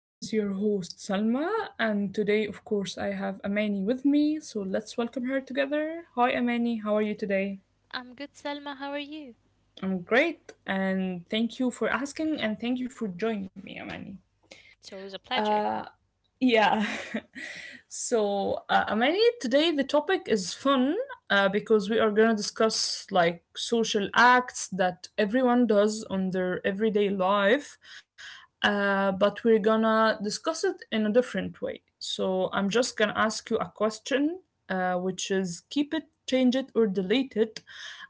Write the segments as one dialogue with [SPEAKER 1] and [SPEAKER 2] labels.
[SPEAKER 1] This is your host Salma, and today, of course, I have Amani with me. So let's welcome her together. Hi, Amani. How are you today?
[SPEAKER 2] I'm good, Selma. How are you?
[SPEAKER 1] I'm great, and thank you for asking, and thank you for joining me, Amani.
[SPEAKER 2] It's always a pleasure.
[SPEAKER 1] Uh, yeah. So, Amani, today the topic is fun because we are going to discuss like social acts that everyone does on their everyday life, but we're gonna discuss it in a different way. So, I'm just gonna ask you a question, which is keep it, change it, or delete it,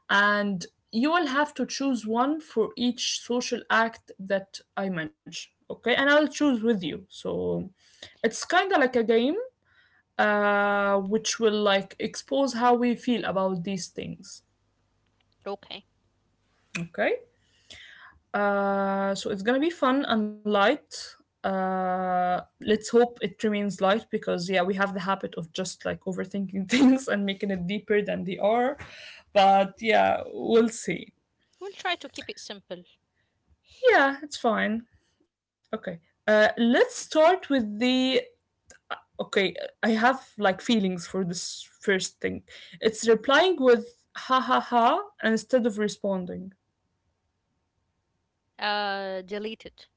[SPEAKER 1] and you will have to choose one for each social act that I mention. Okay, and I'll choose with you. So it's kind of like a game which will like expose how we feel about these things.
[SPEAKER 2] Okay.
[SPEAKER 1] Okay. So it's gonna be fun and light. Let's hope it remains light because yeah, we have the habit of just like overthinking things and making it deeper than they are. But yeah, we'll see.
[SPEAKER 2] We'll try to keep it simple.
[SPEAKER 1] Yeah, it's fine. Okay. Let's start with the okay, I have like feelings for this first thing. It's replying with ha ha ha instead of responding.
[SPEAKER 2] Delete it.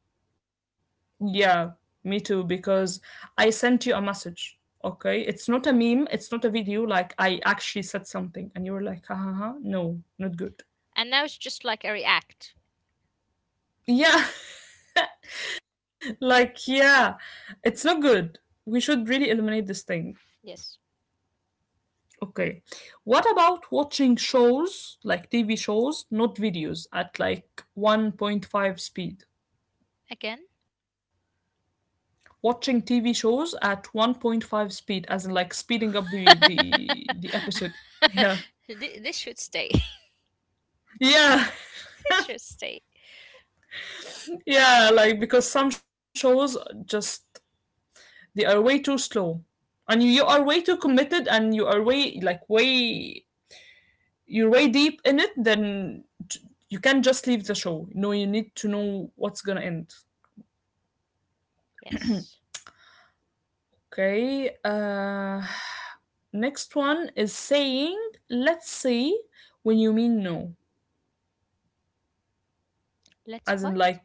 [SPEAKER 1] Yeah, me too, because I sent you a message. Okay, it's not a meme, it's not a video, like I actually said something and you were like, ha ha ha, no, not good.
[SPEAKER 2] And now it's just like a react.
[SPEAKER 1] Yeah, like, yeah, it's not good. We should really eliminate this thing.
[SPEAKER 2] Yes.
[SPEAKER 1] Okay. What about watching shows like TV shows, not videos, at like 1.5 speed?
[SPEAKER 2] Again?
[SPEAKER 1] Watching TV shows at 1.5 speed, as in like speeding up the the the episode. Yeah.
[SPEAKER 2] This should stay.
[SPEAKER 1] Yeah.
[SPEAKER 2] This should stay.
[SPEAKER 1] Yeah, like because some shows just they are way too slow. And you are way too committed and you are way like way deep in it, then t- you can't just leave the show. No, you need to know what's gonna end.
[SPEAKER 2] Yes.
[SPEAKER 1] Okay. Next one is saying, let's see when you mean no.
[SPEAKER 2] Let's
[SPEAKER 1] As in,
[SPEAKER 2] what?
[SPEAKER 1] like,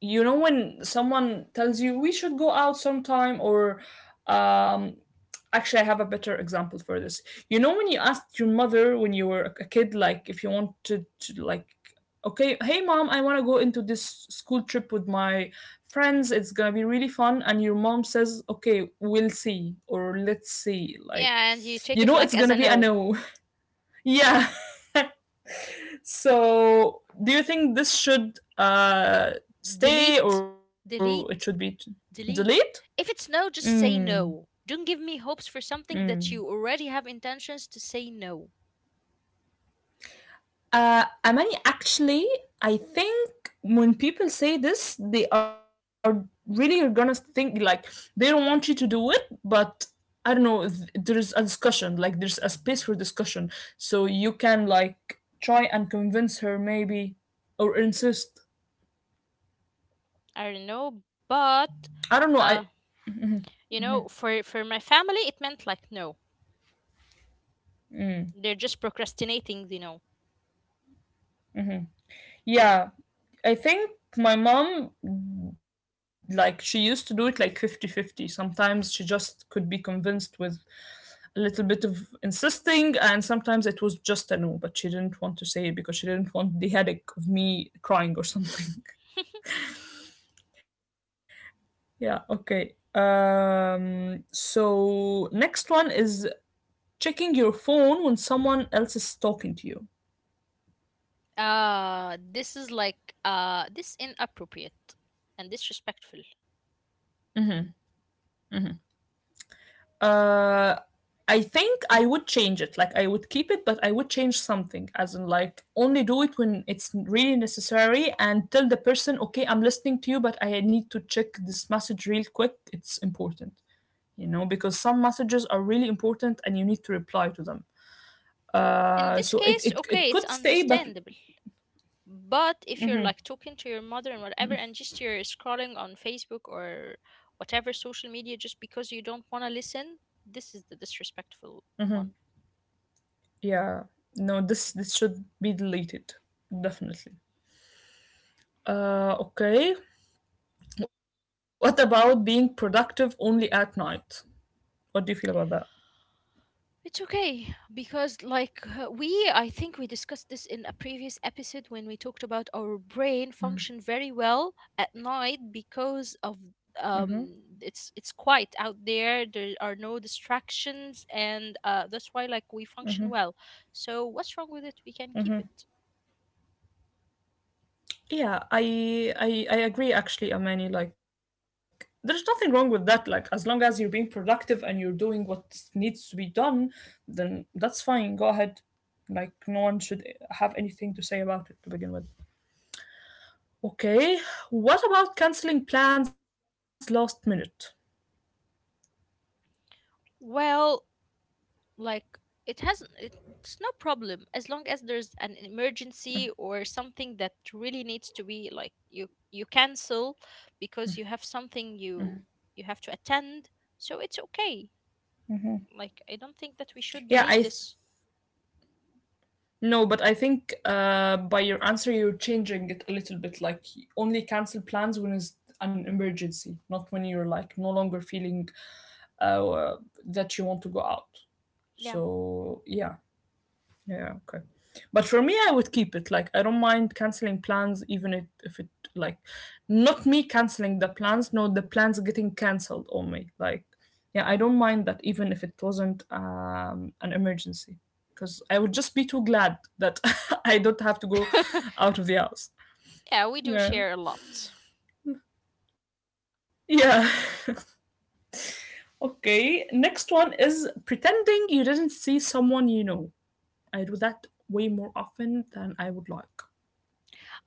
[SPEAKER 1] you know when someone tells you we should go out sometime or um actually I have a better example for this. You know when you asked your mother when you were a kid like if you wanted to like, okay, hey, Mom, I want to go into this school trip with my friends, it's gonna be really fun, and your mom says, okay, we'll see, or, let's see, like
[SPEAKER 2] Yeah, and you take
[SPEAKER 1] you
[SPEAKER 2] it
[SPEAKER 1] know
[SPEAKER 2] like
[SPEAKER 1] it's
[SPEAKER 2] as a
[SPEAKER 1] gonna be a
[SPEAKER 2] no.
[SPEAKER 1] no. yeah So, do you think this should stay
[SPEAKER 2] Delete,
[SPEAKER 1] or it should be
[SPEAKER 2] delete,
[SPEAKER 1] delete?
[SPEAKER 2] delete. If it's no, just
[SPEAKER 1] Mm,
[SPEAKER 2] say no. Don't give me hopes for something
[SPEAKER 1] mm.
[SPEAKER 2] that you already have intentions to say no.
[SPEAKER 1] Amani, actually, I think when people say this, they are really are gonna think like they don't want you to do it, but I don't know. There's a discussion, like there's a space for discussion, so you can like try and convince her maybe or insist.
[SPEAKER 2] I don't know, but
[SPEAKER 1] I don't know.
[SPEAKER 2] uh,
[SPEAKER 1] I.
[SPEAKER 2] for my family, it meant like no. They're just procrastinating.
[SPEAKER 1] Yeah, I think my mom, like, she used to do it like 50-50. Sometimes she just could be convinced with a little bit of insisting, and sometimes it was just a no, but she didn't want to say it because she didn't want the headache of me crying or something. yeah, okay. So next one is checking your phone when someone else is talking to you.
[SPEAKER 2] This is like this inappropriate and disrespectful.
[SPEAKER 1] Uh, I think I would change it. Like I would keep it, but I would change something. As in, like only do it when it's really necessary, and tell the person, okay, I'm listening to you, but I need to check this message real quick. It's important, you know, because some messages are really important, and you need to reply to them.
[SPEAKER 2] In
[SPEAKER 1] Uh,
[SPEAKER 2] this
[SPEAKER 1] so it
[SPEAKER 2] case,
[SPEAKER 1] it it
[SPEAKER 2] okay, it's
[SPEAKER 1] could stay, but
[SPEAKER 2] understandable. But if you're like talking to your mother and whatever, and just you're scrolling on Facebook or whatever social media just because you don't want to listen, this is the disrespectful one.
[SPEAKER 1] yeah, no, this should be deleted definitely. Okay. What about being productive only at night? What do you feel about that?
[SPEAKER 2] It's okay because, like, I think we discussed this in a previous episode when we talked about our brain function very well at night because of it's quiet out there. There are no distractions, and that's why like we function well. So what's wrong with it? We can keep it.
[SPEAKER 1] Yeah, I agree actually, Amani. Like there's nothing wrong with that. Like as long as you're being productive and you're doing what needs to be done, then that's fine. Go ahead. Like no one should have anything to say about it to begin with. Okay. What about canceling plans last minute?
[SPEAKER 2] Well, like it hasn't it, it's no problem as long as there's an emergency or something that really needs to be like you cancel because you have something you have to attend. So it's okay. Like I don't think that we should
[SPEAKER 1] Yeah,
[SPEAKER 2] delete this.
[SPEAKER 1] no, but I think by your answer you're changing it a little bit. Like only cancel plans when it's an emergency, not when you're like no longer feeling uh, that you want to go out.
[SPEAKER 2] Yeah.
[SPEAKER 1] So yeah, yeah, okay. But for me, I would keep it. Like I don't mind canceling plans, even if it like not me canceling the plans. No, the plans getting cancelled on me. Like yeah, I don't mind that, even if it wasn't an emergency, because I would just be too glad that I don't have to go out of the house.
[SPEAKER 2] Yeah, we do
[SPEAKER 1] Yeah.
[SPEAKER 2] share a lot.
[SPEAKER 1] Yeah. okay. Next one is pretending you didn't see someone you know. I do that way more often than I would like.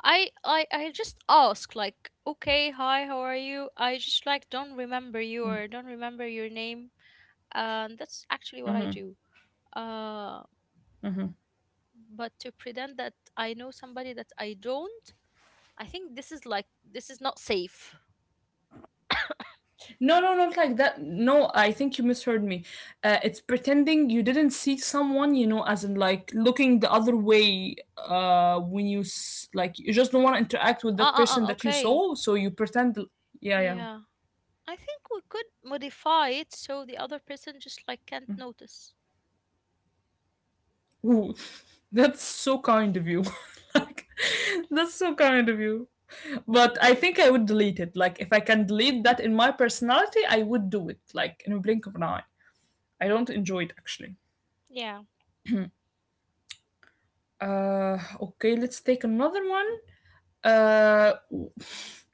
[SPEAKER 2] I just ask like, "Okay, hi, how are you?" I just like don't remember you or don't remember your name. And that's actually what I do. Uh but to pretend that I know somebody that I don't, I think this is like this is not safe.
[SPEAKER 1] No, no, not like that. No, I think you misheard me. It's pretending you didn't see someone, you know, as in like looking the other way when you like you just don't want to interact with
[SPEAKER 2] Ah,
[SPEAKER 1] that person
[SPEAKER 2] ah, ah,
[SPEAKER 1] that you
[SPEAKER 2] okay.
[SPEAKER 1] saw, so you pretend. Yeah, yeah.
[SPEAKER 2] Yeah. I think we could modify it so the other person just like can't notice.
[SPEAKER 1] Ooh, that's so kind of you. like, that's so kind of you. But I think I would delete it. Like, if I can delete that in my personality, I would do it. Like in a blink of an eye. I don't enjoy it actually.
[SPEAKER 2] Yeah.
[SPEAKER 1] Okay, let's take another one. Uh,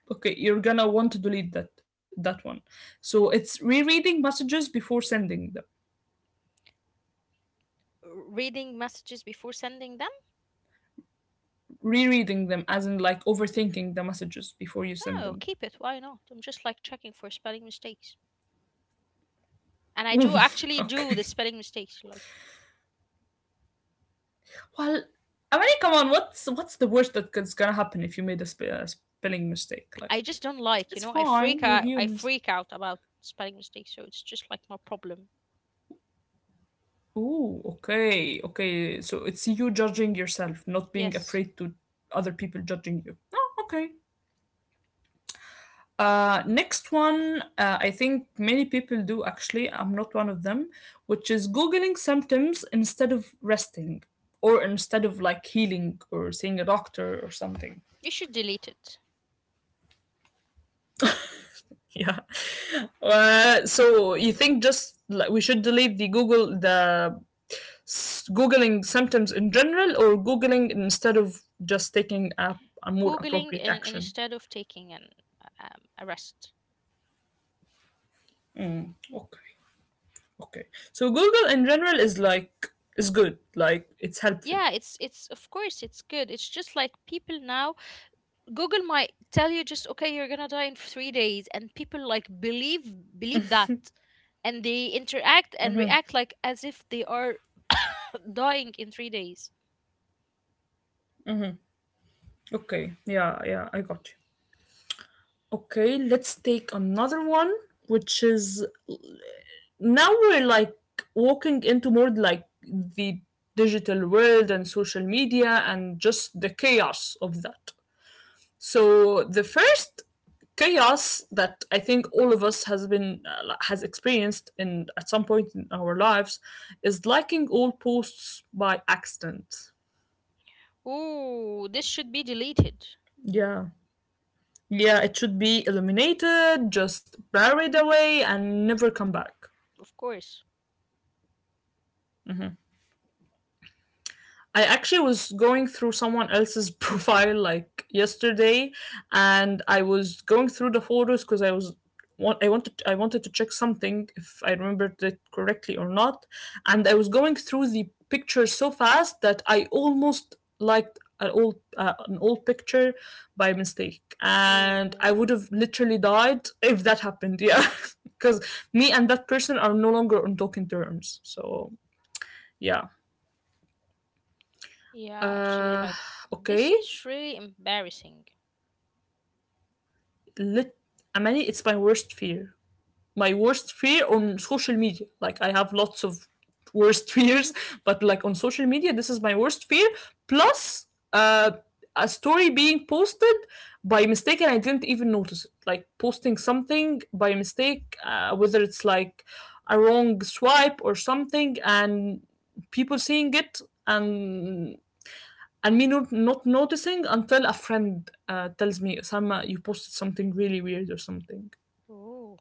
[SPEAKER 1] okay, you're gonna want to delete that one. So it's rereading messages before sending them.
[SPEAKER 2] Reading messages before sending them?
[SPEAKER 1] Rereading them, as in like overthinking the messages before you send
[SPEAKER 2] Oh,
[SPEAKER 1] them.
[SPEAKER 2] keep it. Why not? I'm just like checking for spelling mistakes. And I
[SPEAKER 1] Ooh,
[SPEAKER 2] do actually
[SPEAKER 1] okay.
[SPEAKER 2] do the spelling mistakes. Like
[SPEAKER 1] Well, I mean, come on. What's the worst that's gonna happen if you made a spelling mistake? Like,
[SPEAKER 2] I just don't like,
[SPEAKER 1] it's
[SPEAKER 2] I
[SPEAKER 1] fine.
[SPEAKER 2] freak
[SPEAKER 1] We're
[SPEAKER 2] out I
[SPEAKER 1] humans.
[SPEAKER 2] freak out about spelling mistakes, so it's just like my problem.
[SPEAKER 1] Ooh, okay, okay. So it's you judging yourself, not being
[SPEAKER 2] Yes.
[SPEAKER 1] afraid to other people judging you. Oh, okay. Next one, I think many people do actually. I'm not one of them, which is googling symptoms instead of resting, or instead of like healing or seeing a doctor or something.
[SPEAKER 2] You should delete it.
[SPEAKER 1] Yeah. So you think just like we should delete the googling symptoms in general, or googling instead of just taking a more
[SPEAKER 2] Googling
[SPEAKER 1] appropriate
[SPEAKER 2] and
[SPEAKER 1] action.
[SPEAKER 2] instead of taking an a rest.
[SPEAKER 1] Okay. Okay. So Google in general is like is good, like it's helpful.
[SPEAKER 2] Yeah, it's of course it's good. It's just like people now Google might tell you just okay, you're going to die in 3 days, and people like believe that, and they interact and react like as if they are dying in 3 days.
[SPEAKER 1] Okay, yeah, yeah, I got you. Okay, let's take another one, which is now we're like walking into more like the digital world and social media and just the chaos of that. So the first chaos that I think all of us has been has experienced in at some point in our lives is liking old posts by accident.
[SPEAKER 2] Oh, this should be deleted,
[SPEAKER 1] Yeah. Yeah, it should be eliminated, just buried away and never come back.
[SPEAKER 2] of course.
[SPEAKER 1] I actually was going through someone else's profile like yesterday, and I was going through the photos because I was I wanted to check something if I remembered it correctly or not, and I was going through the pictures so fast that I almost liked an old picture by mistake, and I
[SPEAKER 2] Oh,
[SPEAKER 1] would have literally died if that happened. Yeah, because me and that person are no longer on talking terms. So yeah.
[SPEAKER 2] yeah, actually,
[SPEAKER 1] Uh,
[SPEAKER 2] like, this
[SPEAKER 1] okay.
[SPEAKER 2] is really embarrassing.
[SPEAKER 1] lit I mean it's my worst fear. My worst fear on social media. Like I have lots of worst fears, but like on social media, this is my worst fear. Plus, uh, a story being posted by mistake and I didn't even notice it. Like posting something by mistake, whether it's like a wrong swipe or something, and people seeing it and and me not noticing until a friend tells me, Osama, you posted something really weird or something.
[SPEAKER 2] Oh.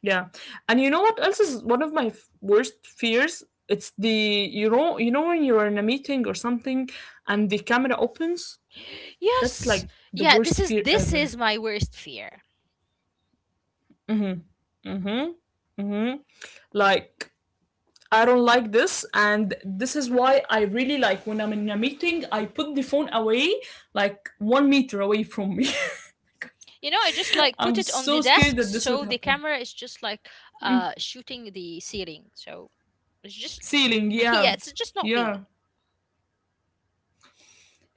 [SPEAKER 1] Yeah. And you know what else is one of my worst fears? It's the you know when you're in a meeting or something and the camera opens? That's
[SPEAKER 2] Yes.
[SPEAKER 1] like the
[SPEAKER 2] Yeah, this
[SPEAKER 1] worst
[SPEAKER 2] is
[SPEAKER 1] fear
[SPEAKER 2] this
[SPEAKER 1] ever.
[SPEAKER 2] is my worst fear.
[SPEAKER 1] Like I don't like this and this is why I really like when I'm in a meeting I put the phone away like 1 meter away from me.
[SPEAKER 2] You know, I just like put
[SPEAKER 1] I'm
[SPEAKER 2] it on the
[SPEAKER 1] so scared
[SPEAKER 2] desk
[SPEAKER 1] that this would
[SPEAKER 2] so the
[SPEAKER 1] happen.
[SPEAKER 2] camera is just like shooting the ceiling. So it's just
[SPEAKER 1] Ceiling,
[SPEAKER 2] yeah,
[SPEAKER 1] yeah.
[SPEAKER 2] it's just not
[SPEAKER 1] Yeah.
[SPEAKER 2] me.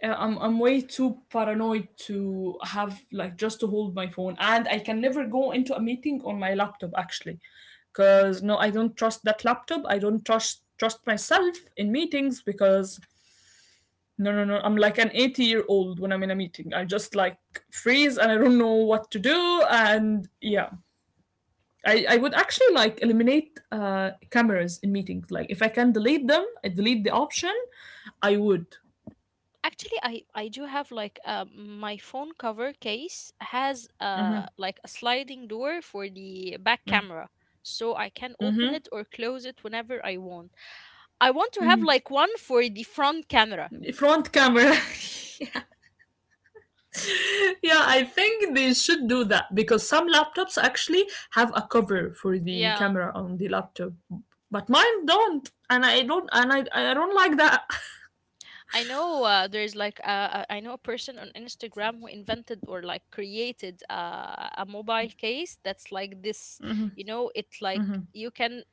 [SPEAKER 1] I'm way too paranoid to have like just to hold my phone and I can never go into a meeting on my laptop actually. Cuz no I don't trust that laptop. I don't trust myself in meetings because no no no I'm like an 80-year-old when I'm in a meeting. I just like freeze and I don't know what to do and yeah. I would actually like eliminate cameras in meetings. Like if I can delete them, I delete the option. I would
[SPEAKER 2] Actually, I do have like my phone cover case has like a sliding door for the back camera, so I can open it or close it whenever I want. I want to have like one for the front camera.
[SPEAKER 1] front camera. Yeah, I think they should do that because some laptops actually have a cover for the
[SPEAKER 2] Yeah,
[SPEAKER 1] camera on the laptop, but mine don't, and I don't, and I don't like that.
[SPEAKER 2] I know. There's like I know a person on Instagram who invented or like created a mobile case that's like this. It like you can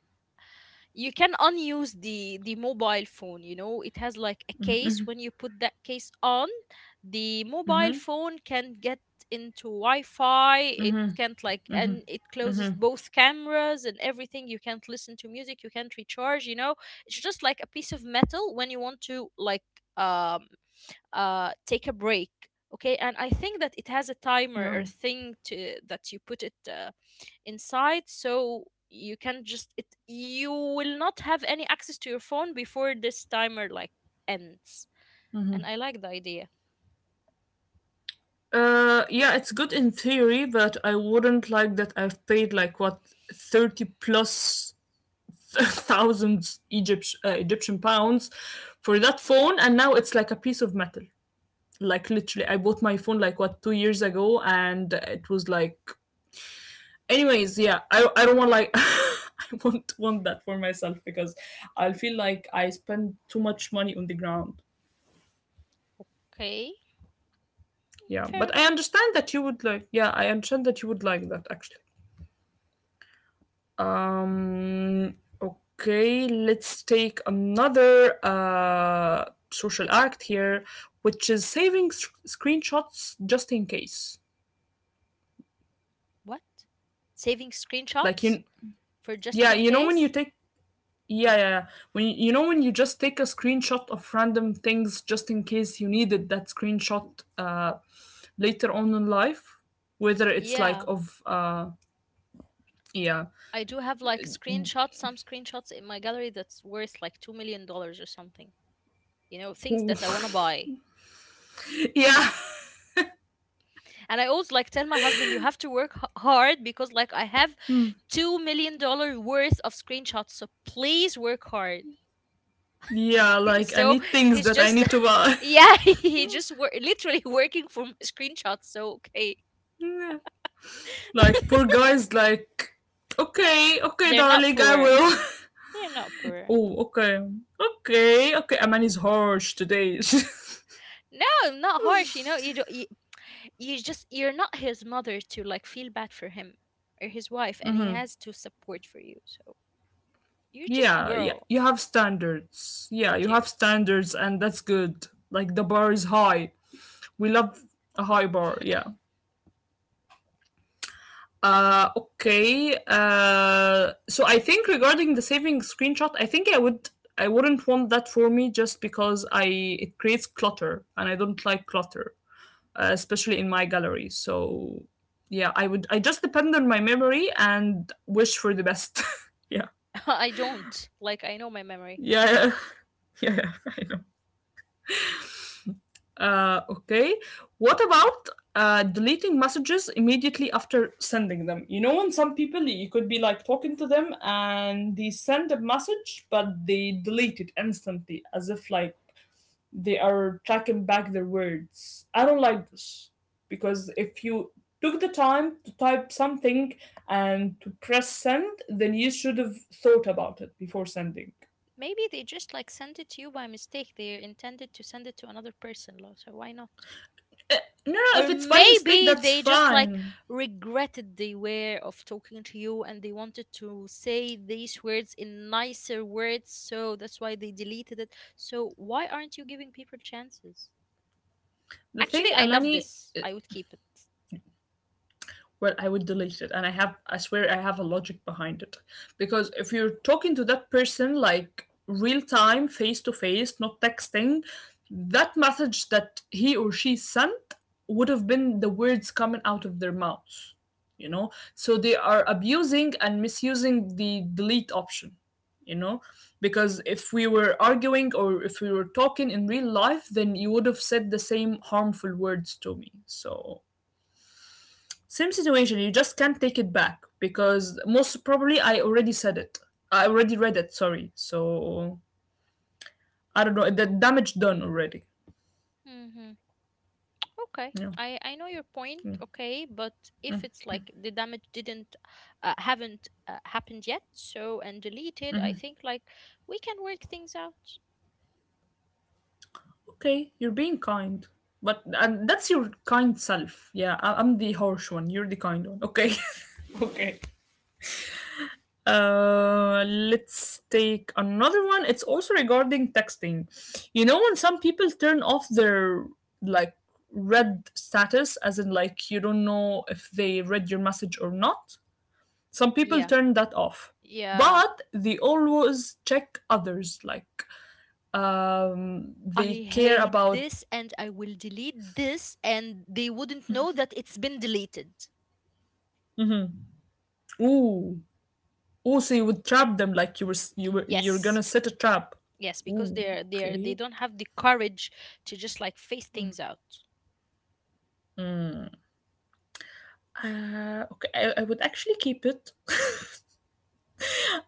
[SPEAKER 2] you can unuse the mobile phone. It has like a case. When you put that case on, the mobile
[SPEAKER 1] Mhm,
[SPEAKER 2] phone can get into wi-fi, it
[SPEAKER 1] mhm,
[SPEAKER 2] can't like,
[SPEAKER 1] mhm,
[SPEAKER 2] and it closes
[SPEAKER 1] mhm.
[SPEAKER 2] both cameras and everything. You can't listen to music, you can't recharge. It's just like a piece of metal. When you want to like um take a break. Okay. And I think that it has a timer or
[SPEAKER 1] No.
[SPEAKER 2] thing to that you put it inside, so you can just it you will not have any access to your phone before this timer like ends. And I like the idea.
[SPEAKER 1] Yeah, it's good in theory, but I wouldn't like that. I've paid like what 30 plus thousands Egypt, Egyptian pounds for that phone, and now it's like a piece of metal. Like literally, I bought my phone like what 2 years ago, and it was like, anyways, yeah, I don't want like. I won't want that for myself because I'll feel like I spend too much money on the ground.
[SPEAKER 2] Okay.
[SPEAKER 1] Yeah,
[SPEAKER 2] Fair
[SPEAKER 1] but I
[SPEAKER 2] enough.
[SPEAKER 1] understand that you would like. Yeah, I understand that you would like that actually. Um, okay, let's take another social act here, which is saving screenshots just in case.
[SPEAKER 2] What? Saving
[SPEAKER 1] Like
[SPEAKER 2] screenshots
[SPEAKER 1] you,
[SPEAKER 2] for just
[SPEAKER 1] yeah,
[SPEAKER 2] in
[SPEAKER 1] you know when you
[SPEAKER 2] case?
[SPEAKER 1] take, yeah, yeah, yeah, when you know when you just take a screenshot of random things just in case you needed that screenshot, uh, later on in life, whether it's like
[SPEAKER 2] Yeah,
[SPEAKER 1] of yeah.
[SPEAKER 2] I do have like screenshots some screenshots in my gallery that's worth like $2 million or something. Things
[SPEAKER 1] Ooh.
[SPEAKER 2] that I want to buy.
[SPEAKER 1] Yeah.
[SPEAKER 2] And I always like tell my husband, you have to work hard because like I have
[SPEAKER 1] Hmm.
[SPEAKER 2] $2 million worth of screenshots, so please work hard.
[SPEAKER 1] Yeah, like I
[SPEAKER 2] So
[SPEAKER 1] need things
[SPEAKER 2] he's
[SPEAKER 1] that I
[SPEAKER 2] just
[SPEAKER 1] need to buy.
[SPEAKER 2] yeah, he just literally working from screenshots, so okay.
[SPEAKER 1] Like poor guys like okay, okay
[SPEAKER 2] They're not
[SPEAKER 1] darling, I
[SPEAKER 2] poor,
[SPEAKER 1] will.
[SPEAKER 2] they're not poor.
[SPEAKER 1] Oh, okay. Okay, okay. A man is harsh today.
[SPEAKER 2] No, not harsh. You just, you're not his mother to like feel bad for him or his wife, and he has to support for you. So you're just a
[SPEAKER 1] Yeah, yeah.
[SPEAKER 2] girl.
[SPEAKER 1] You have standards. Yeah,
[SPEAKER 2] I
[SPEAKER 1] you
[SPEAKER 2] do.
[SPEAKER 1] have standards and that's good. Like the bar is high. We love a high bar, yeah. Okay. So I think regarding the saving screenshot, I think I would I wouldn't want that for me just because I it creates clutter and I don't like clutter, especially in my gallery. So yeah, I would I just depend on my memory and wish for the best. Yeah.
[SPEAKER 2] I don't like, I know my memory.
[SPEAKER 1] Yeah, yeah, yeah, I know. Okay, what about deleting messages immediately after sending them? You know, when some people you could be like talking to them and they send a message, but they delete it instantly, as if like they are tracking back their words. I don't like this because if you took the time to type something and to press send, then you should have thought about it before sending.
[SPEAKER 2] Maybe they just like sent it to you by mistake. They intended to send it to another person, love, so why not?
[SPEAKER 1] Uh, No, no,
[SPEAKER 2] Or
[SPEAKER 1] if it's by
[SPEAKER 2] maybe
[SPEAKER 1] mistake, that's
[SPEAKER 2] they just like
[SPEAKER 1] fine.
[SPEAKER 2] regretted they were of talking to you, and they wanted to say these words in nicer words, so that's why they deleted it. So why aren't you giving people chances?
[SPEAKER 1] The
[SPEAKER 2] Actually,
[SPEAKER 1] thing,
[SPEAKER 2] I love
[SPEAKER 1] Amani,
[SPEAKER 2] this. I would keep it.
[SPEAKER 1] where I would delete it. And I have, I swear, I have a logic behind it. Because if you're talking to that person like real time, face to face, not texting, that message that he or she sent would have been the words coming out of their mouths, you know? So they are abusing and misusing the delete option, you know? Because if we were arguing or if we were talking in real life, then you would have said the same harmful words to me. So same situation, you just can't take it back because most probably I already said it. I already read it, sorry. So I don't know, the damage done already.
[SPEAKER 2] Hmm. Okay,
[SPEAKER 1] Yeah.
[SPEAKER 2] I know your point.
[SPEAKER 1] Yeah.
[SPEAKER 2] Okay, but if it's like the damage didn't haven't happened yet, so and deleted, I think like we can work things out.
[SPEAKER 1] Okay, you're being kind. But and that's your kind self. Yeah, I'm the harsh one. You're the kind one. Okay. Okay. Let's take another one. It's also regarding texting. You know, when some people turn off their like read status, as in like you don't know if they read your message or not. Some people
[SPEAKER 2] Yeah.
[SPEAKER 1] turn that off,
[SPEAKER 2] Yeah,
[SPEAKER 1] but they always check others. Like
[SPEAKER 2] I
[SPEAKER 1] they care
[SPEAKER 2] hate
[SPEAKER 1] about.
[SPEAKER 2] this and I will delete this, and they wouldn't know that it's been deleted.
[SPEAKER 1] Mhm. Ooh, ooh. So you would trap them like you're gonna
[SPEAKER 2] Yes.
[SPEAKER 1] set a trap.
[SPEAKER 2] Yes, because
[SPEAKER 1] Ooh,
[SPEAKER 2] they
[SPEAKER 1] okay.
[SPEAKER 2] don't have the courage to just like face things out.
[SPEAKER 1] Okay, I would actually keep it.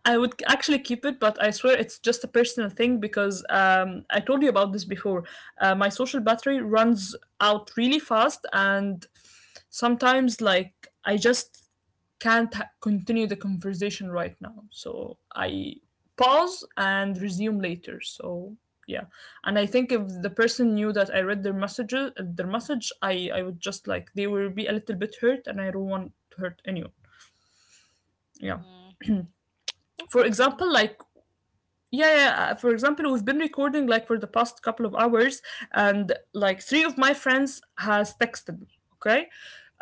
[SPEAKER 1] I would actually keep it, but I swear it's just a personal thing because I told you about this before. My social battery runs out really fast, and sometimes, like, I just can't continue the conversation right now. So I pause and resume later. So yeah, and I think if the person knew that I read their messages, their message, I would just like they will be a little bit hurt, and I don't want to hurt anyone. Yeah.
[SPEAKER 2] Mm.
[SPEAKER 1] For
[SPEAKER 2] Okay, Salma.
[SPEAKER 1] example, like yeah, yeah, yeah, for example, we've been recording like for the past couple of hours, and like three of my friends has texted me. Okay,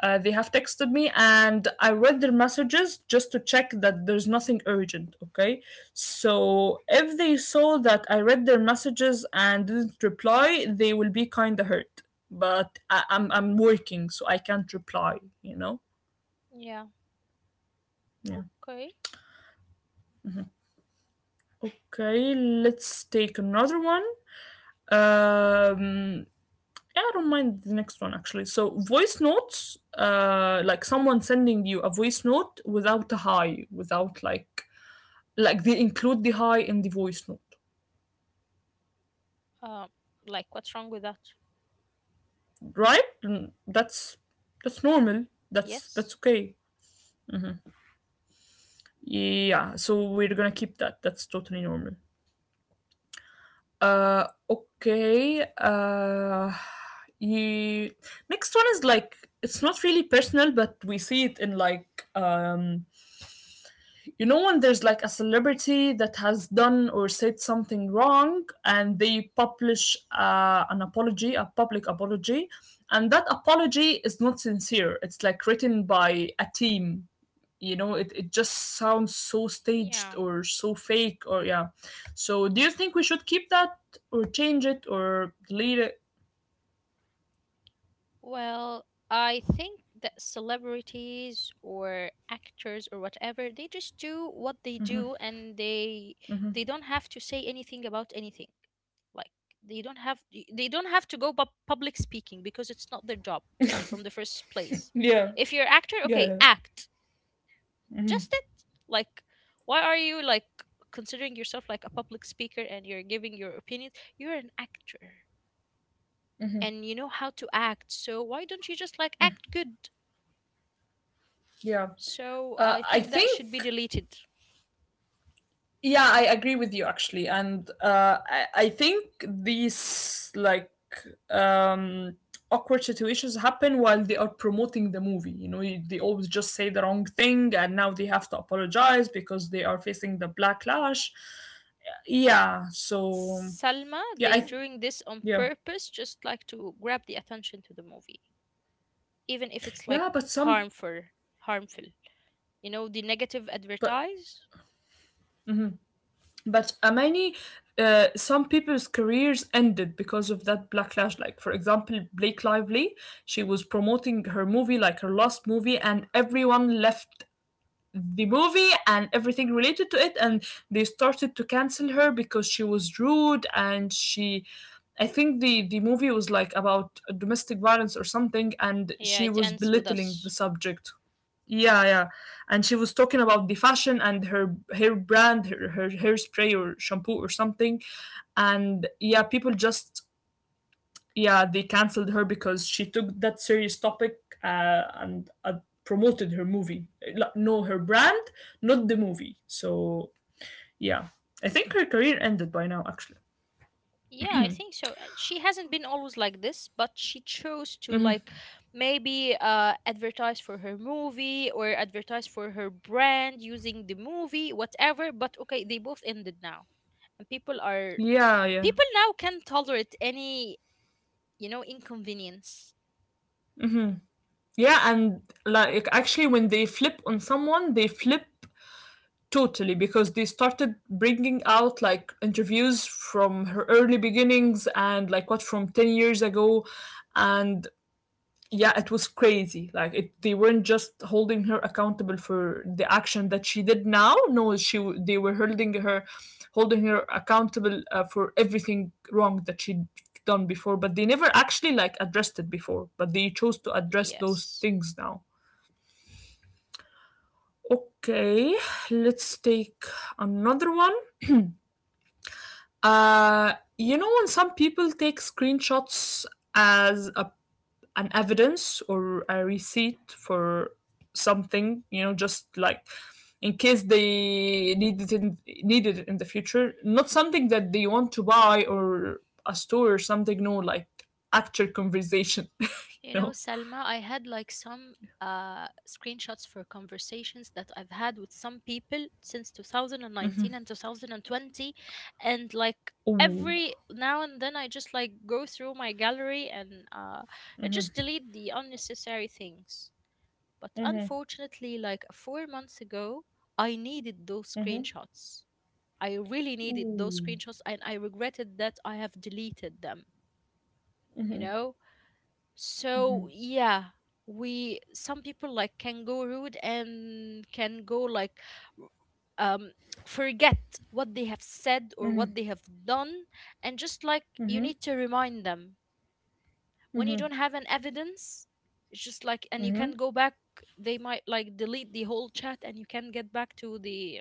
[SPEAKER 1] they have texted me, and I read their messages just to check that there's nothing urgent. Okay, so if they saw that I read their messages and didn't reply, they will be kind of hurt. But I'm working, so I can't reply. You know.
[SPEAKER 2] Yeah.
[SPEAKER 1] Yeah.
[SPEAKER 2] Okay.
[SPEAKER 1] Okay, let's take another one. Um, yeah, I don't mind the next one actually. So voice notes, like someone sending you a voice note without a hi, without like like they include the hi in the voice note,
[SPEAKER 2] Uh, like, what's wrong with that?
[SPEAKER 1] right? Mm, that's normal.
[SPEAKER 2] Yes.
[SPEAKER 1] That's okay. Yeah. So we're gonna keep that. That's totally normal. Okay. You next one is like it's not really personal, but we see it in like you know when there's like a celebrity that has done or said something wrong and they publish an apology, a public apology, and that apology is not sincere, it's like written by a team, you know it just sounds so staged
[SPEAKER 2] Yeah.
[SPEAKER 1] or so fake or yeah. So do you think we should keep that or change it or delete it?
[SPEAKER 2] Well, I think that celebrities or actors or whatever, they just do what they do, and they don't have to say anything about anything. Like they don't have they don't have to go public speaking because it's not their job from the first
[SPEAKER 1] Yeah,
[SPEAKER 2] place.
[SPEAKER 1] yeah,
[SPEAKER 2] If you're actor, okay,
[SPEAKER 1] yeah,
[SPEAKER 2] act. Just it like, why are you like considering yourself like a public speaker, and you're giving your opinions? You're an actor, and you know how to act. So why don't you just like act good?
[SPEAKER 1] yeah,
[SPEAKER 2] So I
[SPEAKER 1] I
[SPEAKER 2] think that should be
[SPEAKER 1] think
[SPEAKER 2] deleted.
[SPEAKER 1] Yeah, I agree with you actually, and I think these like um, awkward situations happen while they are promoting the movie. You know, they always just say the wrong thing, and now they have to apologize because they are facing the backlash. Yeah, so
[SPEAKER 2] Salma,
[SPEAKER 1] yeah,
[SPEAKER 2] they doing this on
[SPEAKER 1] yeah,
[SPEAKER 2] purpose, just like to grab the attention to the movie, even if it's like
[SPEAKER 1] yeah, but some
[SPEAKER 2] harmful, harmful. You know the negative
[SPEAKER 1] but
[SPEAKER 2] advertise.
[SPEAKER 1] but Amani, some people's careers ended because of that backlash. Like, for example, Blake Lively, she was promoting her movie, like her last movie, and everyone left the movie and everything related to it, and they started to cancel her because she was rude and she I think the movie was like about domestic violence or something and
[SPEAKER 2] Yeah,
[SPEAKER 1] she
[SPEAKER 2] it
[SPEAKER 1] was
[SPEAKER 2] ends with
[SPEAKER 1] belittling the
[SPEAKER 2] us.
[SPEAKER 1] subject. Yeah, yeah. And she was talking about the fashion and her hair brand, her hairspray or shampoo or something. And yeah, people just yeah, they canceled her because she took that serious topic, and promoted her movie, like, no, her brand, not the movie. So yeah, I think her career ended by now actually,
[SPEAKER 2] Yeah, I think so. She hasn't been always like this, but she chose to like maybe advertise for her movie or advertise for her brand using the movie, whatever. But okay, they both ended now. And
[SPEAKER 1] yeah, yeah.
[SPEAKER 2] people now can tolerate any inconvenience.
[SPEAKER 1] Yeah, and like actually when they flip on someone they flip totally because they started bringing out like interviews from her early beginnings and like what from 10 years ago. And yeah, it was crazy, like they weren't just holding her accountable for the action that she did now, no, she they were holding her, holding her accountable, for everything wrong that she'd done before, but they never actually like addressed it before, but they chose to address those
[SPEAKER 2] Yes.
[SPEAKER 1] things now. Okay, let's take another one. You know when some people take screenshots as a an evidence or a receipt for something, you know, just like in case they need it in the future, not something that they want to buy or a store or something, no, like actual conversation. You
[SPEAKER 2] You know,
[SPEAKER 1] know
[SPEAKER 2] Selma, I had like some screenshots for conversations that I've had with some people since 2019 and 2020. And like
[SPEAKER 1] Ooh.
[SPEAKER 2] every now and then, I just like go through my gallery, and I just delete the unnecessary things. But unfortunately, like 4 months ago, I needed those screenshots. I really needed those
[SPEAKER 1] Ooh.
[SPEAKER 2] screenshots, and I regretted that I have deleted them, you know? So yeah, we some people like can go rude and can go like um forget what they have said or what they have done. And just like, you need to remind them. When you don't have an evidence, it's just like, and you can go back, they might like delete the whole chat, and you can get back to the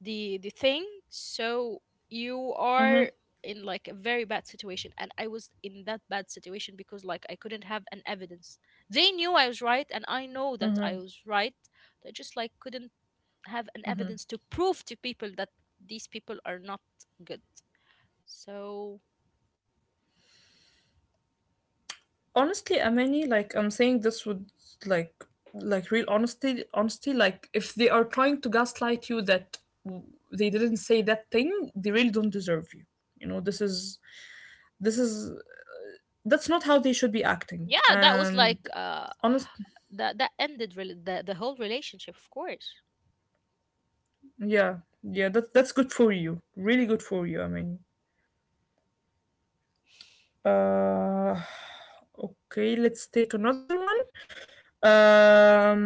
[SPEAKER 2] the the thing. So you are in like a very bad situation. And I was in that bad situation because like I couldn't have an evidence. They knew I was right, and I know that I was right. They just like couldn't have an evidence to prove to people that these people are not good. So
[SPEAKER 1] Honestly Amani, like I'm saying this would like like real honesty, honesty, like if they are trying to gaslight you that they didn't say that thing, they really don't deserve you, you know, this is this is that's not how they should be
[SPEAKER 2] yeah,
[SPEAKER 1] acting.
[SPEAKER 2] that was like
[SPEAKER 1] And
[SPEAKER 2] uh
[SPEAKER 1] honest,
[SPEAKER 2] that that ended really the whole relationship, of course.
[SPEAKER 1] yeah, yeah, that that's good for you. Really good for you. I mean, uh, okay, let's take another one. Um,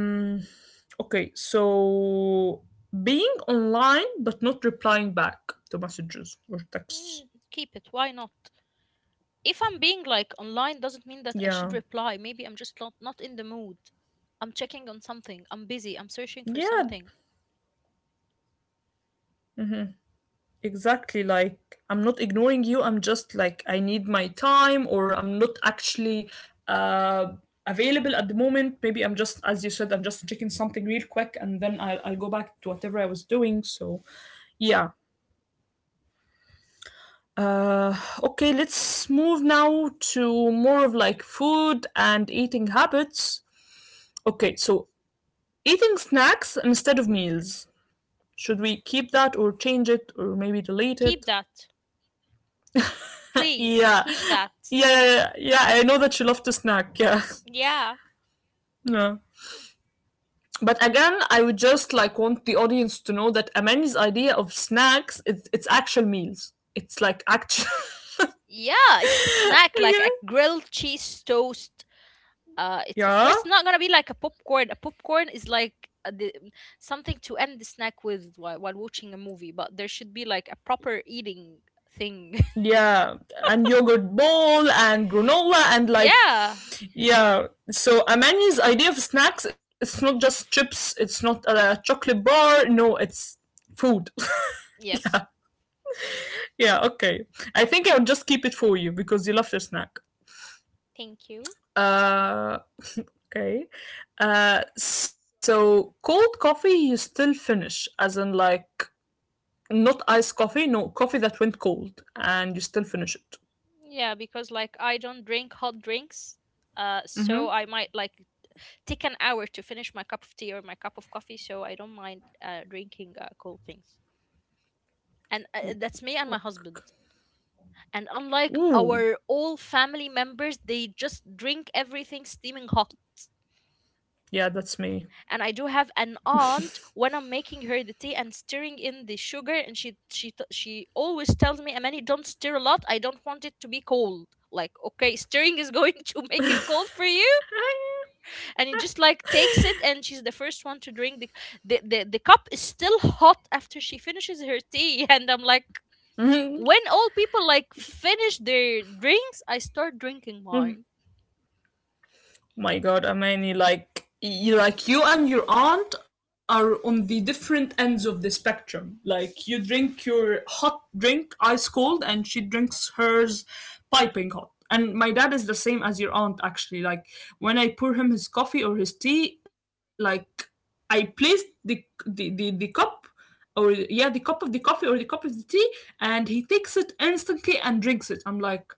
[SPEAKER 1] okay, so being online but not replying back to messages or texts.
[SPEAKER 2] Mm, keep it, why not? If I'm being like online, doesn't mean that I
[SPEAKER 1] Yeah,
[SPEAKER 2] should reply. Maybe I'm just not in the mood. I'm checking on something. I'm busy. I'm searching for
[SPEAKER 1] yeah,
[SPEAKER 2] something.
[SPEAKER 1] exactly, like I'm not ignoring you, I'm just like I need my time or I'm not actually uh available at the moment. Maybe I'm just as you said, I'm just checking something real quick and then I'll go back to whatever I was doing. So yeah. Uh okay, let's move now to more of like food and eating habits. Okay, so eating snacks instead of meals. Should we keep that or change it or maybe delete
[SPEAKER 2] Keep
[SPEAKER 1] it?
[SPEAKER 2] that. Please
[SPEAKER 1] Yeah.
[SPEAKER 2] keep that.
[SPEAKER 1] Yeah, yeah, yeah, yeah. I know that you love to snack. Yeah.
[SPEAKER 2] Yeah.
[SPEAKER 1] Yeah. But again, I would just like want the audience to know that Amani's idea of snacks it's actual meals. It's like actual
[SPEAKER 2] Yeah, it's a snack like a
[SPEAKER 1] Yeah.
[SPEAKER 2] grilled cheese toast. It's of
[SPEAKER 1] Yeah.
[SPEAKER 2] course not gonna be like a popcorn. A popcorn is like something to end the snack with while watching a movie, but there should be like a proper eating thing.
[SPEAKER 1] Yeah. And yogurt bowl and granola and like
[SPEAKER 2] yeah.
[SPEAKER 1] yeah. So Amani's idea of snacks it's not just chips, it's not a chocolate bar, no, it's food.
[SPEAKER 2] Yes,
[SPEAKER 1] Yeah, okay. I think I would just keep it for you because you love your snack.
[SPEAKER 2] thank you.
[SPEAKER 1] Uh, okay. So cold coffee you still finish, as in like not iced coffee, no coffee that went cold, and you still finish it.
[SPEAKER 2] Yeah, because like I don't drink hot drinks, so I might like take an hour to finish my cup of tea or my cup of coffee. So I don't mind drinking cold things. And that's me and my husband. And unlike
[SPEAKER 1] Ooh,
[SPEAKER 2] our all family members, they just drink everything steaming hot.
[SPEAKER 1] yeah, that's me.
[SPEAKER 2] And I do have an aunt, when I'm making her the tea and stirring in the sugar, and she always tells me, "Amani, don't stir a lot. I don't want it to be cold." Like, okay, stirring is going to make it cold for you, and it just like takes it, and she's the first one to drink the cup is still hot after she finishes her tea, and I'm like. When all people like finish their drinks, I start drinking mine
[SPEAKER 1] My god, I mean, like you and your aunt are on the different ends of the spectrum. Like you drink your hot drink ice cold, and she drinks hers piping hot. And my dad is the same as your aunt, actually. Like when I pour him his coffee or his tea, like I place the cup or yeah, the cup of the coffee or the cup of the tea, and he takes it instantly and drinks it. I'm like,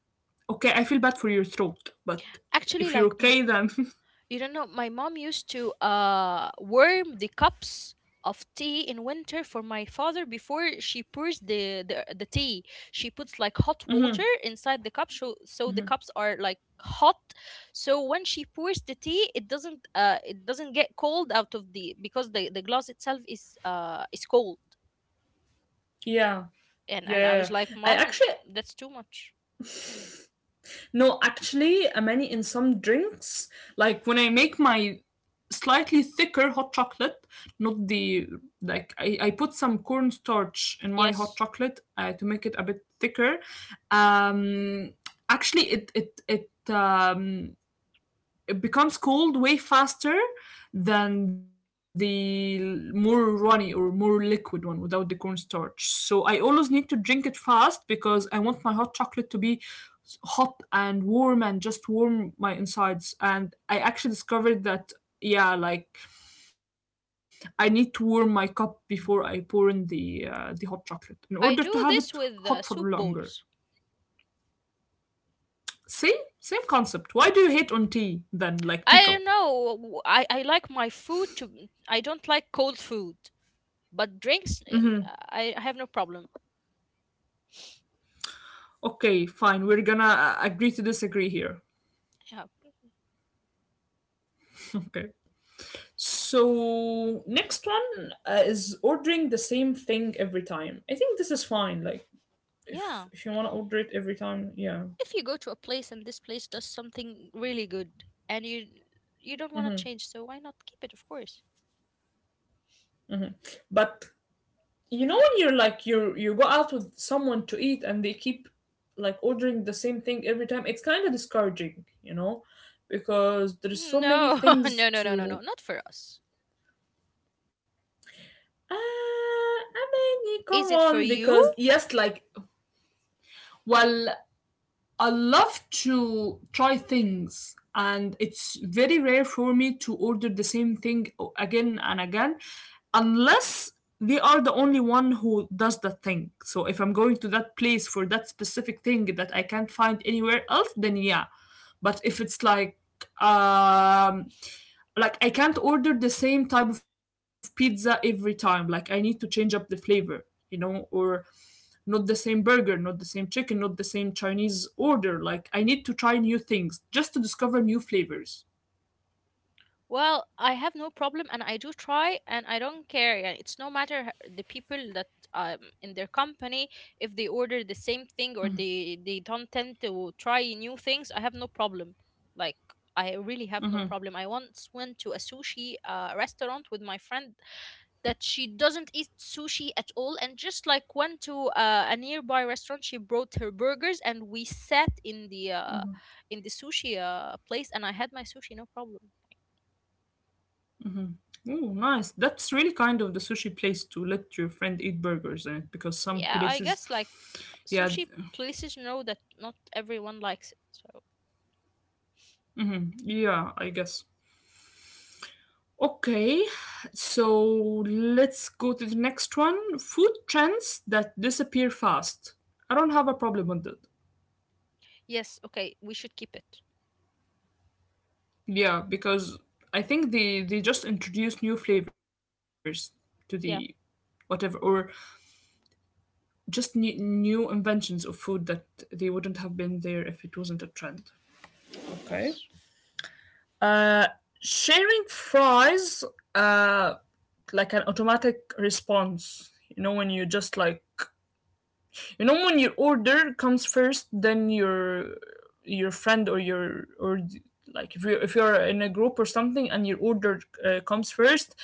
[SPEAKER 1] okay, I feel bad for your throat, but
[SPEAKER 2] actually
[SPEAKER 1] if you're
[SPEAKER 2] like m-
[SPEAKER 1] okay, then
[SPEAKER 2] You don't know, my mom used to warm the cups of tea in winter for my father before she pours the tea. She puts like hot water inside the cup so the cups are like hot. So when she pours the tea, it doesn't get cold out of the because the glass itself is cold.
[SPEAKER 1] yeah,
[SPEAKER 2] And
[SPEAKER 1] yeah,
[SPEAKER 2] and I was
[SPEAKER 1] yeah,
[SPEAKER 2] like,
[SPEAKER 1] yeah. I
[SPEAKER 2] "Mom,
[SPEAKER 1] actually
[SPEAKER 2] that's too much."
[SPEAKER 1] no, Actually, many in some drinks, like when I make my slightly thicker hot chocolate, not the like I put some cornstarch in my hot
[SPEAKER 2] Yes.
[SPEAKER 1] chocolate to make it a bit thicker. Um, Actually, it becomes cold way faster than the more runny or more liquid one without the cornstarch. So I always need to drink it fast because I want my hot chocolate to be hot and warm and just warm my insides. And I actually discovered that, yeah, like I need to warm my cup before I pour in the hot chocolate in
[SPEAKER 2] I
[SPEAKER 1] order to
[SPEAKER 2] do
[SPEAKER 1] have
[SPEAKER 2] this
[SPEAKER 1] it
[SPEAKER 2] with
[SPEAKER 1] hot for
[SPEAKER 2] soup
[SPEAKER 1] longer.
[SPEAKER 2] bowls.
[SPEAKER 1] See, same concept. Why do you hate on tea then, like
[SPEAKER 2] I don't
[SPEAKER 1] teacup?
[SPEAKER 2] know. I like my food to. I don't like cold food, but drinks, I have no problem.
[SPEAKER 1] Okay, fine. We're gonna agree to disagree here.
[SPEAKER 2] Yeah.
[SPEAKER 1] Okay. So next one is ordering the same thing every time. I think this is fine. Like
[SPEAKER 2] Yeah.
[SPEAKER 1] if you want to order it every time, yeah.
[SPEAKER 2] If you go to a place and this place does something really good and you don't want to change, so why not keep it, of course?
[SPEAKER 1] But you know when you're like you go out with someone to eat and they keep like ordering the same thing every time, it's kind of discouraging, you know, because there's so many
[SPEAKER 2] No,
[SPEAKER 1] things
[SPEAKER 2] no, no, no, no, no.
[SPEAKER 1] to.
[SPEAKER 2] Not for us.
[SPEAKER 1] Ah, I mean, come
[SPEAKER 2] Is it for
[SPEAKER 1] on,
[SPEAKER 2] you?
[SPEAKER 1] because yes, like well, I love to try things, and it's very rare for me to order the same thing again and again, unless they are the only one who does that thing. So if I'm going to that place for that specific thing that I can't find anywhere else, then yeah. But if it's like um I can't order the same type of pizza every time. Like I need to change up the flavor, you know, or not the same burger, not the same chicken, not the same Chinese order. Like I need to try new things just to discover new flavors.
[SPEAKER 2] Well, I have no problem and I do try and I don't care. Yeah, it's no matter the people that in their company if they order the same thing or they don't tend to try new things, I have no problem. Like I really have no problem. I once went to a sushi restaurant with my friend that she doesn't eat sushi at all and just like went to a nearby restaurant she brought her burgers and we sat in the sushi place and I had my sushi no problem.
[SPEAKER 1] Oh, nice. That's really kind of the sushi place to let your friend eat burgers in it because some
[SPEAKER 2] Yeah, I
[SPEAKER 1] places,
[SPEAKER 2] guess like
[SPEAKER 1] yeah, th-
[SPEAKER 2] sushi places know that not everyone likes it. So,
[SPEAKER 1] yeah, I guess. Okay, so let's go to the next one. Food trends that disappear fast. I don't have a problem with that.
[SPEAKER 2] yes, okay, we should keep it.
[SPEAKER 1] Yeah, because I think they just introduce new flavors to the
[SPEAKER 2] Yeah,
[SPEAKER 1] whatever or just new inventions of food that they wouldn't have been there if it wasn't a trend. Okay.
[SPEAKER 2] yes.
[SPEAKER 1] Uh, sharing fries, uh, like an automatic response. You know when you just like you know when your order comes first then your friend or your or like if you if you're in a group or something and your order comes first,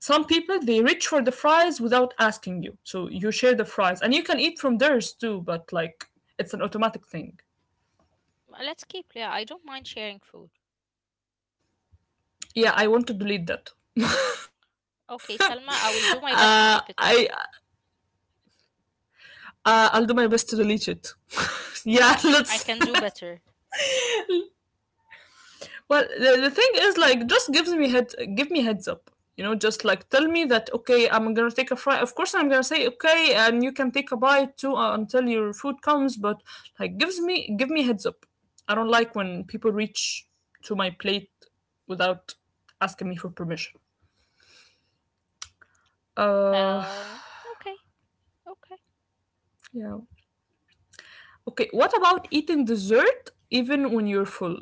[SPEAKER 1] some people they reach for the fries without asking you so you share the fries and you can eat from theirs too but like it's an automatic thing.
[SPEAKER 2] Let's keep, yeah, I don't mind sharing food.
[SPEAKER 1] Yeah, I want to delete that.
[SPEAKER 2] Okay, Salma, I will do my best to
[SPEAKER 1] uh,
[SPEAKER 2] keep it.
[SPEAKER 1] i I'll do my best to delete it. Yeah,
[SPEAKER 2] I
[SPEAKER 1] let's.
[SPEAKER 2] can do better.
[SPEAKER 1] Well, the thing is, like, just gives me head, give me heads up. You know, just like tell me that okay, I'm gonna take a fry. Of course, I'm gonna say okay, and you can take a bite too until your food comes. But like, give me heads up. I don't like when people reach to my plate without asking me for permission. Uh,
[SPEAKER 2] Well, okay, okay.
[SPEAKER 1] yeah. Okay, what about eating dessert even when you're full?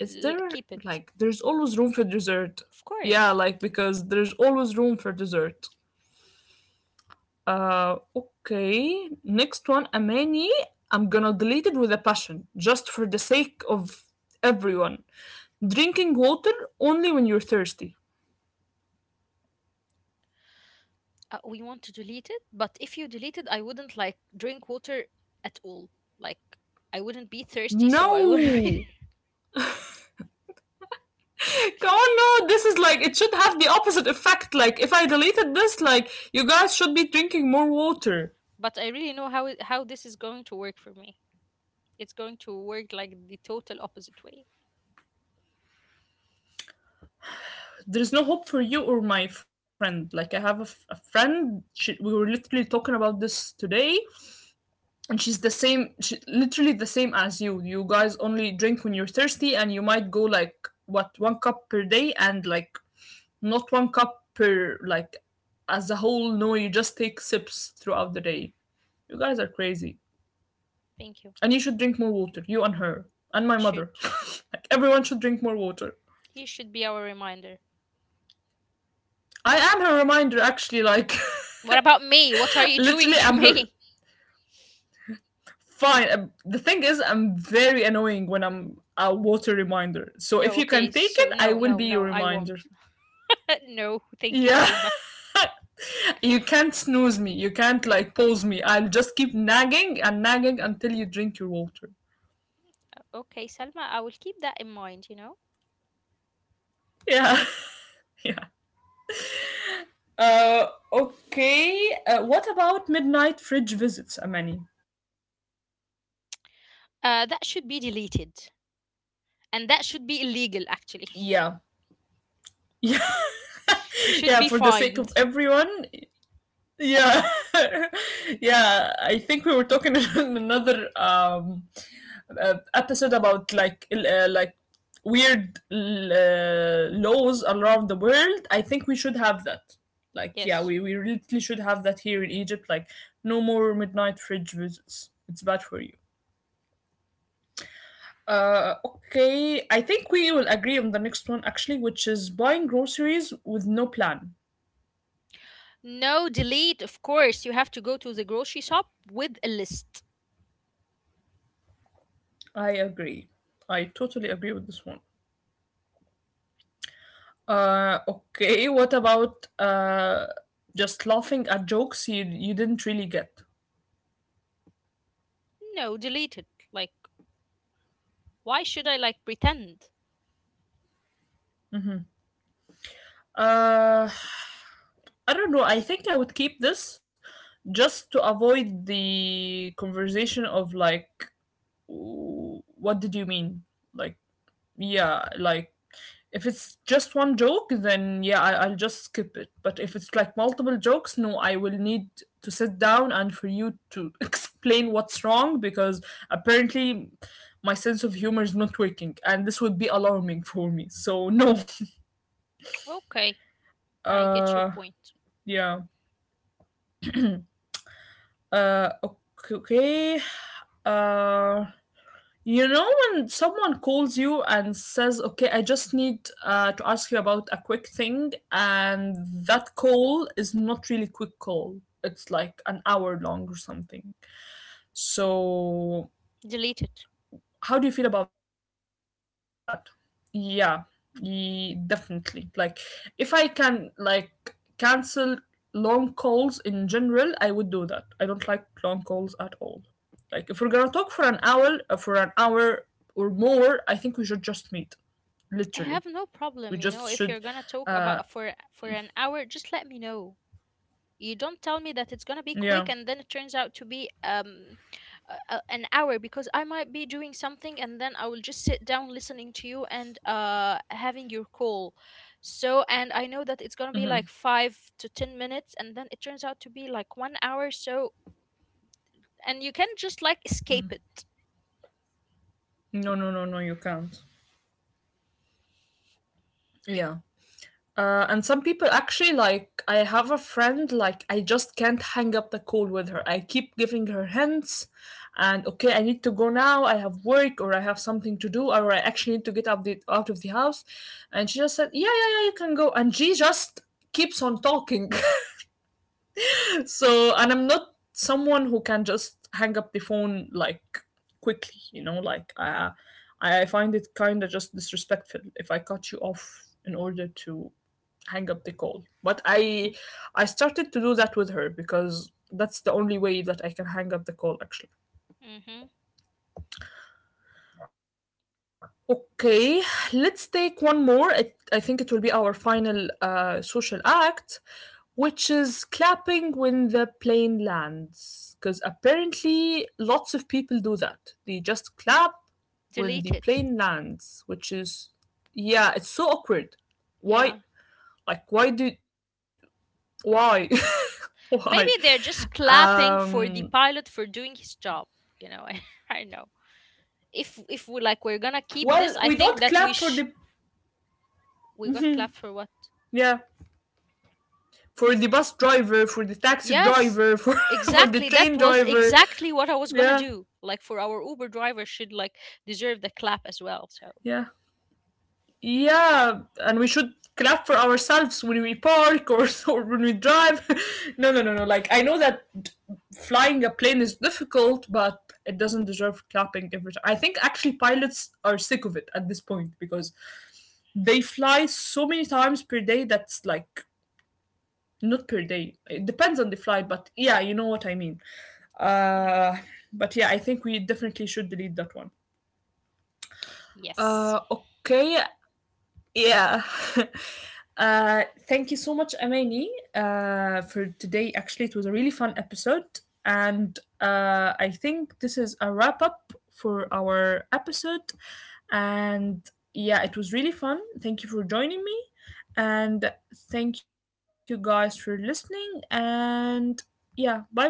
[SPEAKER 1] Is there
[SPEAKER 2] Keep it.
[SPEAKER 1] like there's always room for dessert?
[SPEAKER 2] Of
[SPEAKER 1] Yeah,
[SPEAKER 2] course.
[SPEAKER 1] like because there's always room for dessert. Okay. Next one, Amani. I'm gonna delete it with a passion, just for the sake of everyone. Drinking water only when you're thirsty.
[SPEAKER 2] We want to delete it, but if you delete it, I wouldn't like drink water at all. Like, I wouldn't be thirsty, so I wouldn't be.
[SPEAKER 1] No! Come on, no! This is like, it should have the opposite effect. Like, if I deleted this, like, you guys should be drinking more water.
[SPEAKER 2] But I really know how it, how this is going to work for me. It's going to work like the total opposite way.
[SPEAKER 1] There's no hope for you or my friend. Like, I have a, f- a friend, she, we were literally talking about this today and she's the same she, literally the same as you. You guys only drink when you're thirsty and you might go like what, one cup per day, and like not one cup per like as a whole, no, you just take sips throughout the day. You guys are crazy,
[SPEAKER 2] Thank you. I
[SPEAKER 1] and you should drink more water, you and her and my
[SPEAKER 2] should.
[SPEAKER 1] mother. Like everyone should drink more water.
[SPEAKER 2] He should be our reminder.
[SPEAKER 1] I am her reminder actually, like
[SPEAKER 2] What about me? What are you doing
[SPEAKER 1] literally
[SPEAKER 2] to
[SPEAKER 1] I'm her,
[SPEAKER 2] me?
[SPEAKER 1] fine. The thing is I'm very annoying when I'm a water reminder, so
[SPEAKER 2] No,
[SPEAKER 1] if you
[SPEAKER 2] okay,
[SPEAKER 1] can take it
[SPEAKER 2] so
[SPEAKER 1] I
[SPEAKER 2] no,
[SPEAKER 1] will
[SPEAKER 2] no,
[SPEAKER 1] be your
[SPEAKER 2] no, I
[SPEAKER 1] reminder.
[SPEAKER 2] won't. no, thank you,
[SPEAKER 1] Yeah,
[SPEAKER 2] Selma.
[SPEAKER 1] you can't snooze me. You can't like pause me. I'll just keep nagging and nagging until you drink your water.
[SPEAKER 2] Okay, Selma, I will keep that in mind, you know?
[SPEAKER 1] Yeah, yeah. Uh, okay. What about midnight fridge visits, Amani?
[SPEAKER 2] That should be deleted. And that should be illegal, actually.
[SPEAKER 1] Yeah. Yeah,
[SPEAKER 2] We should
[SPEAKER 1] yeah,
[SPEAKER 2] be
[SPEAKER 1] for the sake of
[SPEAKER 2] fined.
[SPEAKER 1] everyone. Yeah. Yeah, I think we were talking in another episode about like weird laws around the world. I think we should have that, like yeah,
[SPEAKER 2] Yes.
[SPEAKER 1] we really should have that here in Egypt. Like no more midnight fridge visits, it's bad for you. Uh, okay, I think we will agree on the next one actually, which is buying groceries with no plan.
[SPEAKER 2] No, delete, of course. You have to go to the grocery shop with a list.
[SPEAKER 1] I agree, I totally agree with this one. Uh, okay, what about uh, just laughing at jokes you didn't really get.
[SPEAKER 2] No, delete it. Like, why should I, like, pretend?
[SPEAKER 1] Uh, I don't know. I think I would keep this just to avoid the conversation of like, w- what did you mean? Like, yeah, like if it's just one joke, then yeah, I'll just skip it. But if it's like multiple jokes, no, I will need to sit down and for you to explain what's wrong because apparently my sense of humor is not working and this would be alarming for me. So, no.
[SPEAKER 2] Okay, I get your
[SPEAKER 1] Uh,
[SPEAKER 2] point.
[SPEAKER 1] yeah. Okay. Okay. Uh, you know when someone calls you and says, "Okay, I just need to ask you about a quick thing," and that call is not really quick call. It's like an hour long or something. So
[SPEAKER 2] Delete it.
[SPEAKER 1] how do you feel about that? Yeah, ye- definitely, like if I can like cancel long calls in general I would do that. I don't like long calls at all. Like if we're gonna talk for an hour, or more, I think we should just meet,
[SPEAKER 2] I have no
[SPEAKER 1] literally.
[SPEAKER 2] problem, you know,
[SPEAKER 1] We
[SPEAKER 2] if
[SPEAKER 1] just
[SPEAKER 2] you're gonna
[SPEAKER 1] should.
[SPEAKER 2] talk about
[SPEAKER 1] uh
[SPEAKER 2] for an hour, just let me know. You don't tell me that it's gonna be quick and
[SPEAKER 1] yeah
[SPEAKER 2] then it turns out to be an hour because I might be doing something and then I will just sit down listening to you and having your call. So and I know that it's gonna be like 5 to 10 minutes and then it turns out to be like one hour. So and you can just like escape it.
[SPEAKER 1] no, no, no, no, you can't. Yeah. And some people actually, like I have a friend, like I just can't hang up the call with her. I keep giving her hints and okay, I need to go now. I have work or I have something to do or I actually need to get out, out of the house. And she just said, "Yeah, yeah, yeah, you can go." And she just keeps on talking. So, and I'm not someone who can just hang up the phone like quickly, you know, I find it kind of just disrespectful if I cut you off in order to hang up the call. But
[SPEAKER 2] Mm-hmm.
[SPEAKER 1] I started to do that with her because that's the only way that I can hang up the call actually.
[SPEAKER 2] Mm-hmm.
[SPEAKER 1] Okay, let's take one more. It, I think it will be our final social act, which is clapping when the plane lands. Because apparently, lots of people do that. They just clap
[SPEAKER 2] Delete
[SPEAKER 1] when
[SPEAKER 2] it.
[SPEAKER 1] the plane lands, which is, yeah, it's so awkward.
[SPEAKER 2] Yeah.
[SPEAKER 1] Why? Like, why do Why?
[SPEAKER 2] Maybe
[SPEAKER 1] Why?
[SPEAKER 2] they're just clapping for the
[SPEAKER 1] Um,
[SPEAKER 2] pilot for doing his job. You know, I know. If we like we're gonna keep this, I
[SPEAKER 1] well, we
[SPEAKER 2] think that
[SPEAKER 1] don't
[SPEAKER 2] we
[SPEAKER 1] clap for the
[SPEAKER 2] we got clapped for what?
[SPEAKER 1] yeah, for the bus driver, for the taxi
[SPEAKER 2] Yes,
[SPEAKER 1] driver, for for the
[SPEAKER 2] exactly. That
[SPEAKER 1] train
[SPEAKER 2] was
[SPEAKER 1] driver.
[SPEAKER 2] exactly what I was gonna
[SPEAKER 1] Yeah,
[SPEAKER 2] do. Like for our Uber driver should like deserve the clap as well. So
[SPEAKER 1] yeah, yeah. And we should clap for ourselves when we park or, or when we drive. No, no, no, no. Like I know that flying a plane is difficult, but it doesn't deserve clapping every time. I think actually pilots are sick of it at this point because they fly so many times per day, that's like not per day, it depends on the flight, but yeah, you know what I mean.
[SPEAKER 2] yeah.
[SPEAKER 1] Uh, but yeah, I think we definitely should delete that one.
[SPEAKER 2] Yes.
[SPEAKER 1] Uh, okay. Yeah. Thank you so much, Amani, for today. Actually, it was a really fun episode. And I think this is a wrap up for our episode. And yeah, it was really fun. Thank you for joining me. And thank you guys for listening. And yeah, bye bye.